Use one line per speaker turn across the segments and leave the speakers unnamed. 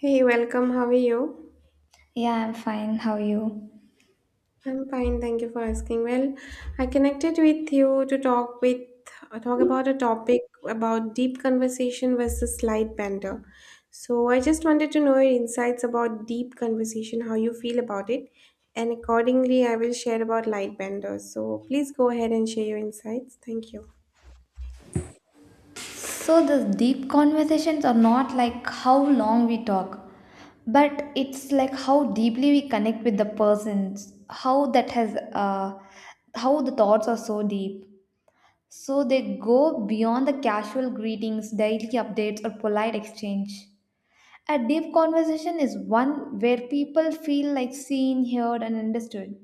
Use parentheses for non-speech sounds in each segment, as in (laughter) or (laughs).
Hey, welcome. How are you?
Yeah, I'm fine. How are you?
I'm fine, thank you for asking. Well, I connected with you to talk with talk about a topic about deep conversation versus light banter. So I just wanted to know your insights about deep conversation, how you feel about it, and accordingly I will share about light banter. So please go ahead and share your insights. Thank you.
So, the deep conversations are not like how long we talk, but it's like how deeply we connect with the persons, how that has, how the thoughts are so deep. So, they go beyond the casual greetings, daily updates, or polite exchange. A deep conversation is one where people feel like seen, heard, and understood.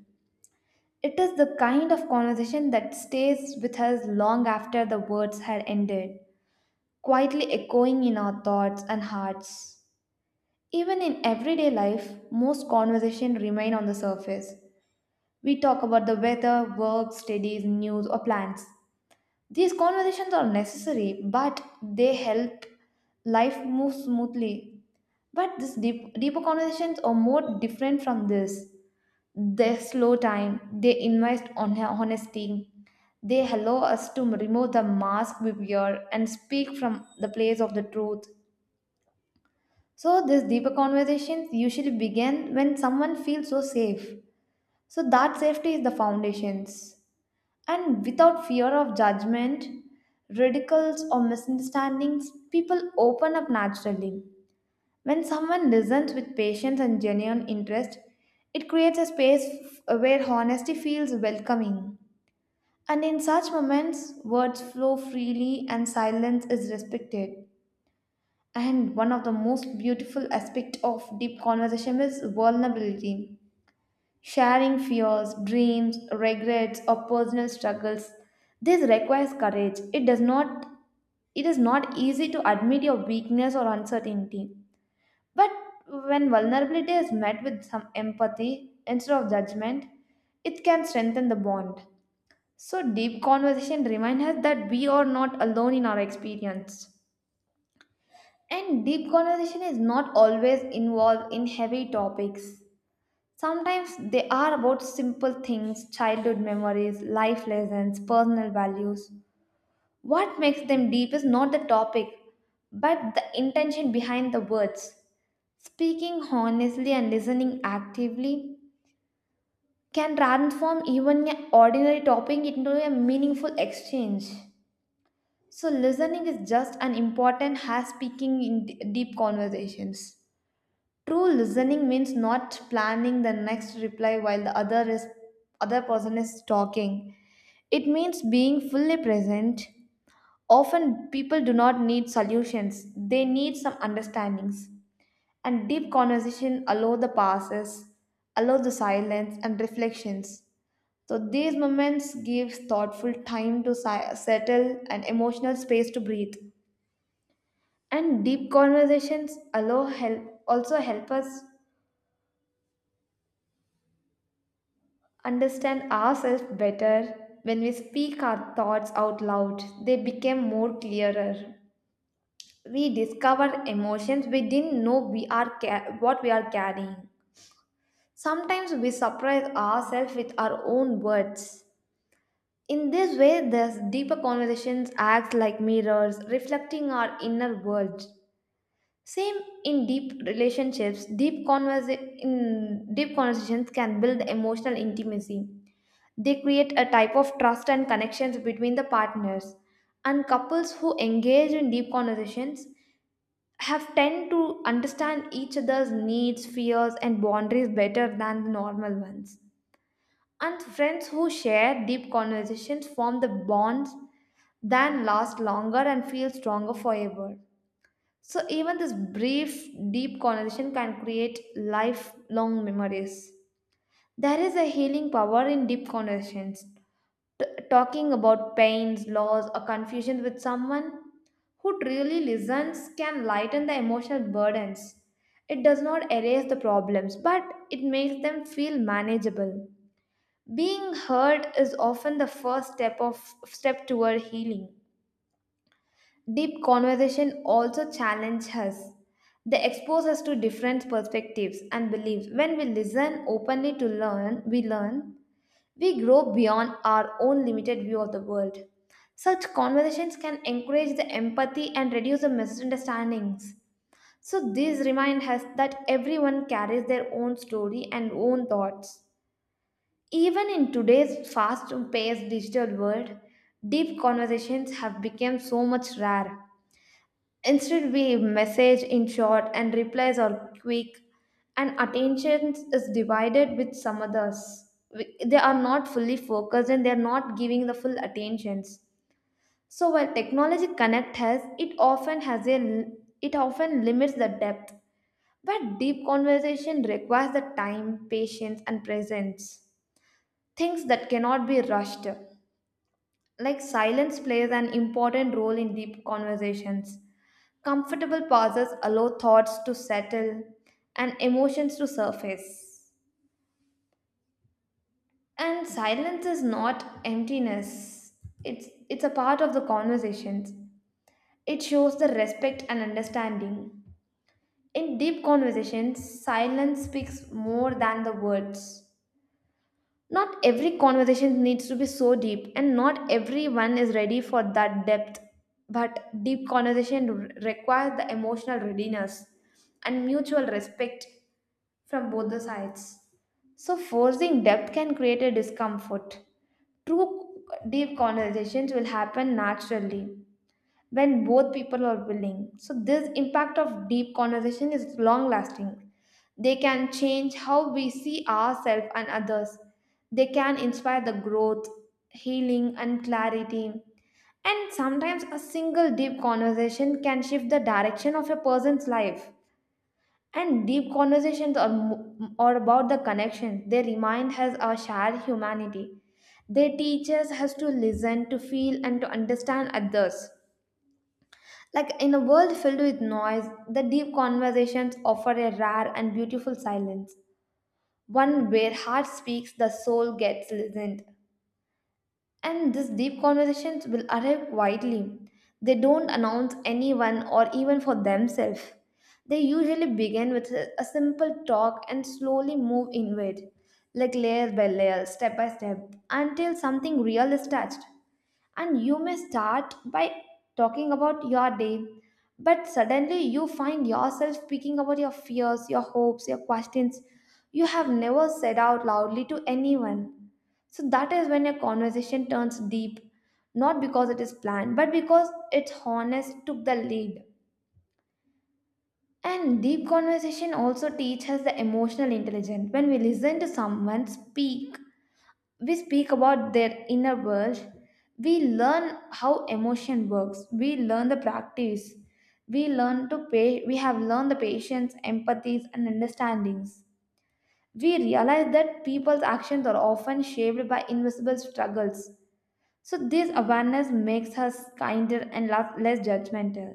It is the kind of conversation that stays with us long after the words had ended, quietly echoing in our thoughts and hearts. Even in everyday life, most conversations remain on the surface. We talk about the weather, work, studies, news, or plans. These conversations are necessary, but they help life move smoothly. But these deeper conversations are more different from this. They slow time, they invite on honesty, they allow us to remove the mask we wear and speak from the place of the truth. So these deeper conversations usually begin when someone feels so safe. So that safety is the foundations. And without fear of judgment, ridicules or misunderstandings, people open up naturally. When someone listens with patience and genuine interest, it creates a space where honesty feels welcoming. And in such moments, words flow freely and silence is respected. And one of the most beautiful aspects of deep conversation is vulnerability. Sharing fears, dreams, regrets, or personal struggles. This requires courage. It is not easy to admit your weakness or uncertainty. But when vulnerability is met with some empathy instead of judgment, it can strengthen the bond. So deep conversation reminds us that we are not alone in our experience. And deep conversation is not always involved in heavy topics. Sometimes they are about simple things, childhood memories, life lessons, personal values. What makes them deep is not the topic, but the intention behind the words. Speaking honestly and listening actively can transform even an ordinary topic into a meaningful exchange. So, listening is just as important as speaking in deep conversations. True listening means not planning the next reply while the other person is talking. It means being fully present. Often people do not need solutions. They need some understandings. And deep conversation allow the pauses, allow the silence and reflections. So these moments give thoughtful time to settle and emotional space to breathe. And deep conversations allow help also help us understand ourselves better. When we speak our thoughts out loud, they become more clearer. We discover emotions we didn't know we what we are carrying. Sometimes we surprise ourselves with our own words. In this way, these deeper conversations act like mirrors reflecting our inner world. Same in deep relationships, in deep conversations can build emotional intimacy. They create a type of trust and connections between the partners. And couples who engage in deep conversations have tend to understand each other's needs, fears, and boundaries better than the normal ones. And friends who share deep conversations form the bonds that last longer and feel stronger forever. So even this brief, deep conversation can create lifelong memories. There is a healing power in deep conversations. Talking about pains, loss, or confusion with someone who truly listens can lighten the emotional burdens. It does not erase the problems, but it makes them feel manageable. Being heard is often the first step toward healing. Deep conversation also challenge us. They expose us to different perspectives and beliefs. When we listen openly to learn, we grow beyond our own limited view of the world. Such conversations can encourage the empathy and reduce the misunderstandings. So, this remind us that everyone carries their own story and own thoughts. Even in today's fast paced digital world, deep conversations have become so much rare. Instead, we message in short and replies are quick, and attention is divided with some others. They are not fully focused and they are not giving the full attentions. So while technology connect has it often has a it often limits the depth. But deep conversation requires the time, patience, and presence. Things that cannot be rushed. Like silence plays an important role in deep conversations. Comfortable pauses allow thoughts to settle and emotions to surface. And silence is not emptiness. It's a part of the conversations. It shows the respect and understanding. In deep conversations, silence speaks more than the words. Not every conversation needs to be so deep, and not everyone is ready for that depth. But deep conversation requires the emotional readiness and mutual respect from both the sides. So, forcing depth can create a discomfort. True deep conversations will happen naturally when both people are willing. So this impact of deep conversation is long lasting. They can change how we see ourselves and others. They can inspire the growth, healing and clarity. And sometimes a single deep conversation can shift the direction of a person's life. And deep conversations are about the connection. They remind us our shared humanity. They teach us how to listen, to feel, and to understand others. Like in a world filled with noise, the deep conversations offer a rare and beautiful silence, one where heart speaks, the soul gets listened. And these deep conversations will arrive quietly. They don't announce anyone or even for themselves. They usually begin with a simple talk and slowly move inward, like layer by layer, step by step, until something real is touched, and you may start by talking about your day, but suddenly you find yourself speaking about your fears, your hopes, your questions you have never said out loudly to anyone. So that is when a conversation turns deep, not because it is planned but because its honest took the lead. And deep conversation also teaches the emotional intelligence. When we listen to someone speak, we speak about their inner world, we learn how emotion works, we learn the practice, we have learned the patience, empathies and understandings. We realize that people's actions are often shaped by invisible struggles. So this awareness makes us kinder and less judgmental.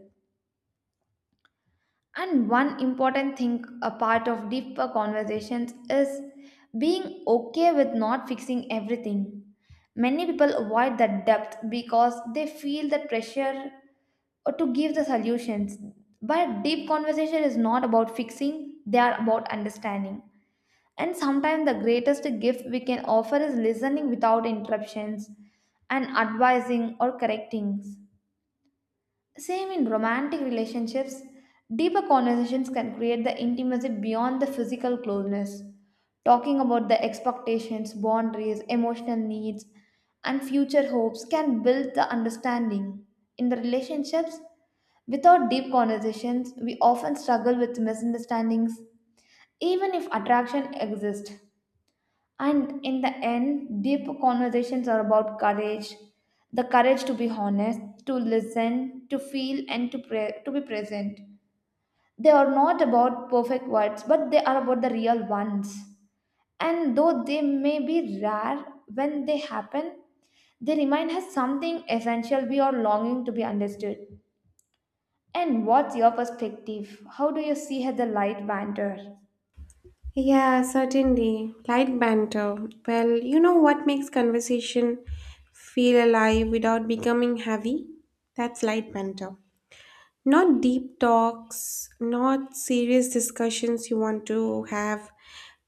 And one important thing, a part of deeper conversations, is being okay with not fixing everything. Many people avoid that depth because they feel the pressure or to give the solutions. But deep conversation is not about fixing, they are about understanding. And sometimes the greatest gift we can offer is listening without interruptions and advising or correcting. Same in romantic relationships, deeper conversations can create the intimacy beyond the physical closeness. Talking about the expectations, boundaries, emotional needs, and future hopes can build the understanding. In the relationships, without deep conversations, we often struggle with misunderstandings, even if attraction exists. And in the end, deep conversations are about courage, the courage to be honest, to listen, to feel, and to be present. They are not about perfect words, but they are about the real ones. And though they may be rare, when they happen, they remind us something essential we are longing to be understood. And what's your perspective? How do you see the light banter?
Yeah, certainly. Light banter. Well, you know what makes conversation feel alive without becoming heavy? That's light banter. Not deep talks, not serious discussions you want to have.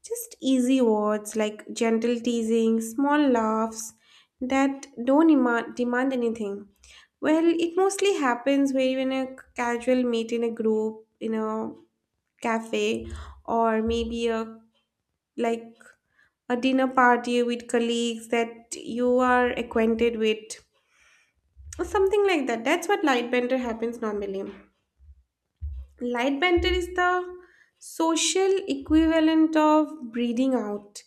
Just easy words like gentle teasing, small laughs that don't ema- demand anything. Well, it mostly happens where you're in a casual meet in a group, in a cafe, or maybe a like a dinner party with colleagues that you are acquainted with, or something like that. That's what light banter happens normally. Light banter is the social equivalent of breathing out.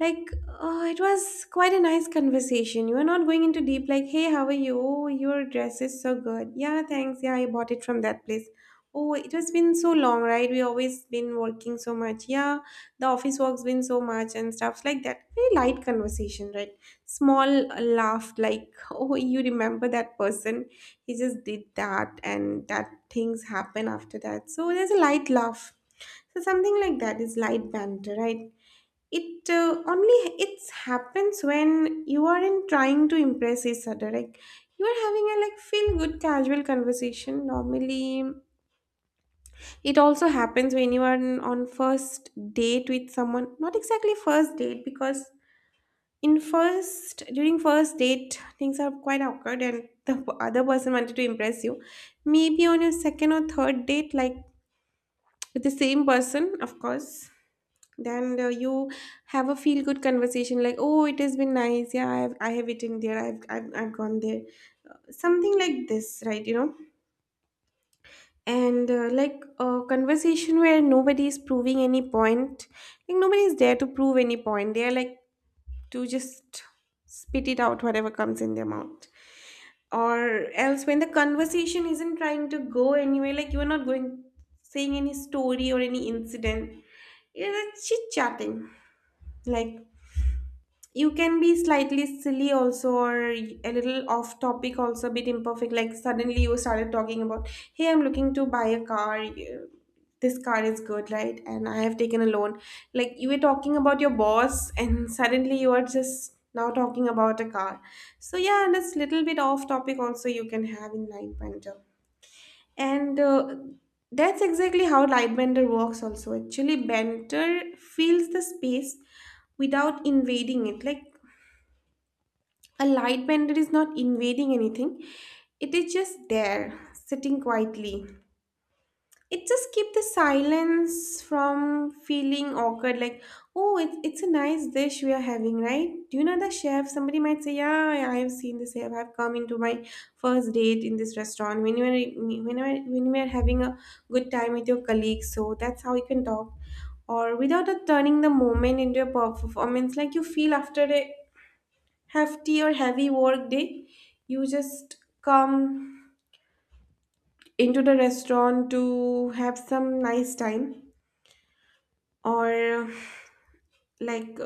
Like, it was quite a nice conversation. You were not going into deep, like, hey, how are you? Oh, your dress is so good. Yeah, thanks. Yeah, I bought it from that place. Oh, it has been so long, right? We always been working so much. Yeah, the office work's been so much and stuff like that. Very light conversation, right? Small laugh, like, (laughs) oh, you remember that person? He just did that, and that things happen after that. So there's a light laugh. So something like that is light banter, right? It only it happens when you aren't trying to impress each other, like you are having a like feel good casual conversation normally. It also happens when you are on first date with someone. Not exactly first date, because in first during first date things are quite awkward and the other person wanted to impress you. Maybe on your second or third date, like with the same person, of course. Then you have a feel good conversation, like, oh, it has been nice. Yeah, I have eaten there. I've gone there. Something like this, right? You know, and like a conversation where nobody is proving any point. Like nobody is there to prove any point. They are like to just spit it out, whatever comes in their mouth. Or else, when the conversation isn't trying to go anywhere, like you are not going saying any story or any incident, it's chit chatting. Like, you can be slightly silly also, or a little off topic, also a bit imperfect. Like suddenly you started talking about, hey, I'm looking to buy a car. This car is good, right? And I have taken a loan. Like you were talking about your boss and (laughs) suddenly you are just now talking about a car. So yeah, and this little bit off topic also you can have in lightbender. And that's exactly how lightbender works also. Actually, banter fills the space without invading it. Like a light bender is not invading anything. It is just there, sitting quietly. It just keeps the silence from feeling awkward. Like, oh, it's a nice dish we are having, right? Do you know the chef? Somebody might say, yeah, I have seen the chef. I've come into my first date in this restaurant. When you are having a good time with your colleagues, so that's how you can talk. Or without a turning the moment into a performance, like you feel after a hefty or heavy work day, you just come into the restaurant to have some nice time. Or like,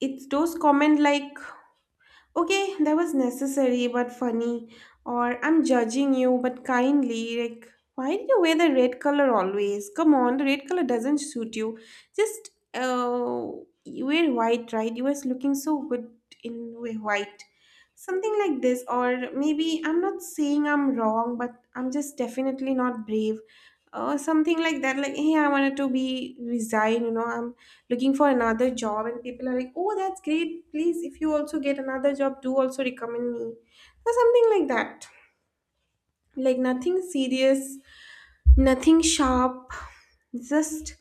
it's those comment like, okay, that was necessary but funny. Or I'm judging you but kindly, like, why do you wear the red color always? Come on, the red color doesn't suit you. Just you wear white, right? You was looking so good in white. Something like this. Or maybe I'm not saying I'm wrong, but I'm just definitely not brave. Or something like that, like, hey, I wanted to be resign, you know, I'm looking for another job, and people are like, oh, that's great. Please, if you also get another job, do also recommend me. Or something like that. Like nothing serious, nothing sharp, just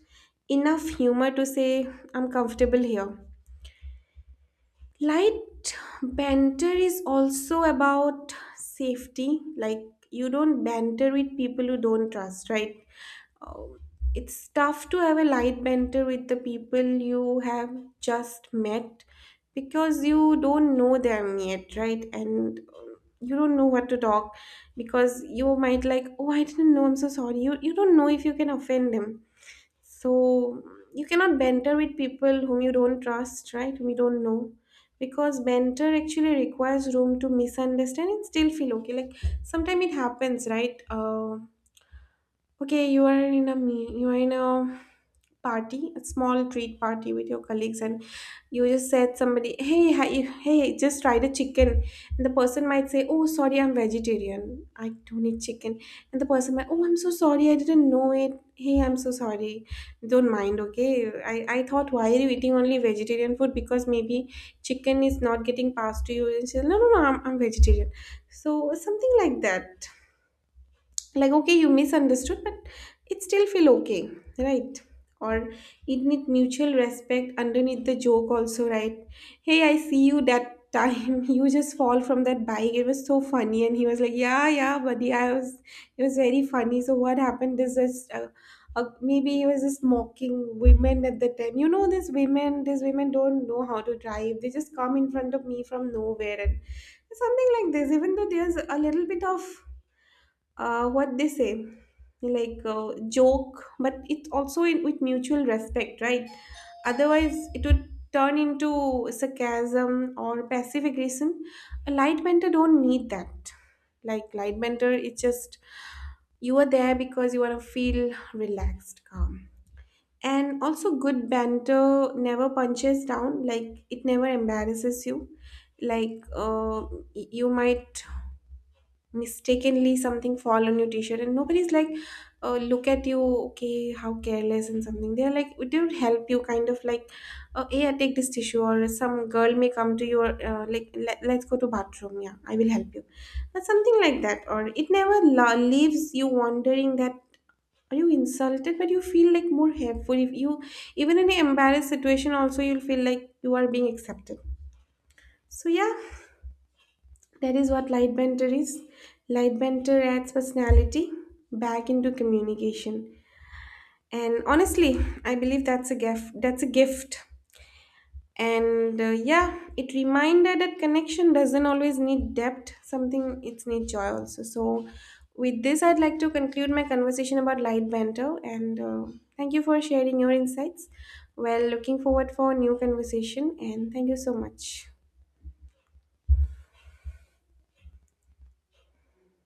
enough humor to say, I'm comfortable here. Light banter is also about safety. Like, you don't banter with people you don't trust, right? Oh, it's tough to have a light banter with the people you have just met, because you don't know them yet, right? And you don't know what to talk, because you might like, oh, I didn't know. I'm so sorry. You don't know if you can offend them. So you cannot banter with people whom you don't trust, right? Whom you don't know. Because banter actually requires room to misunderstand and still feel okay. Like sometimes it happens, right? Okay, you are in a you are in a party, a small treat party with your colleagues, and you just said somebody, "Hey, hi, hey, just try the chicken," and the person might say, "Oh, sorry, I'm vegetarian. I don't eat chicken," and the person might, "Oh, I'm so sorry, I didn't know it. Hey, I'm so sorry. Don't mind, okay? I thought why are you eating only vegetarian food, because maybe chicken is not getting passed to you." And she's, "No, no, no, I'm vegetarian." So something like that. Like, okay, you misunderstood, but it still feel okay, right? Or it need mutual respect underneath the joke also, right? Hey, I see you that time, (laughs) you just fall from that bike, it was so funny. And he was like, yeah, yeah buddy, I was, it was very funny. So what happened is this, maybe he was just mocking women at the time, you know, these women don't know how to drive, they just come in front of me from nowhere. And something like this. Even though there's a little bit of what they say, like, joke, but it's also in, with mutual respect, right? Otherwise it would turn into sarcasm or passive aggression. A light mentor don't need that. Like light mentor, it's just you are there because you want to feel relaxed, calm. And also good banter never punches down, like it never embarrasses you. Like you might mistakenly something fall on your t-shirt, and nobody's like, look at you, okay, how careless and something. They're like, it not help you kind of like, yeah, take this tissue. Or some girl may come to your like, let's go to bathroom, yeah I will help you. That's something like that. Or it never leaves you wondering that are you insulted, but you feel like more helpful. If you even in an embarrassed situation also, you'll feel like you are being accepted. So yeah, that is what light banter is. Light banter adds personality back into communication. And honestly, I believe that's a gift. That's a gift. And yeah, it reminded that connection doesn't always need depth. Something it's need joy also. So with this, I'd like to conclude my conversation about light banter. And thank you for sharing your insights. Well, looking forward for new conversation. And thank you so much.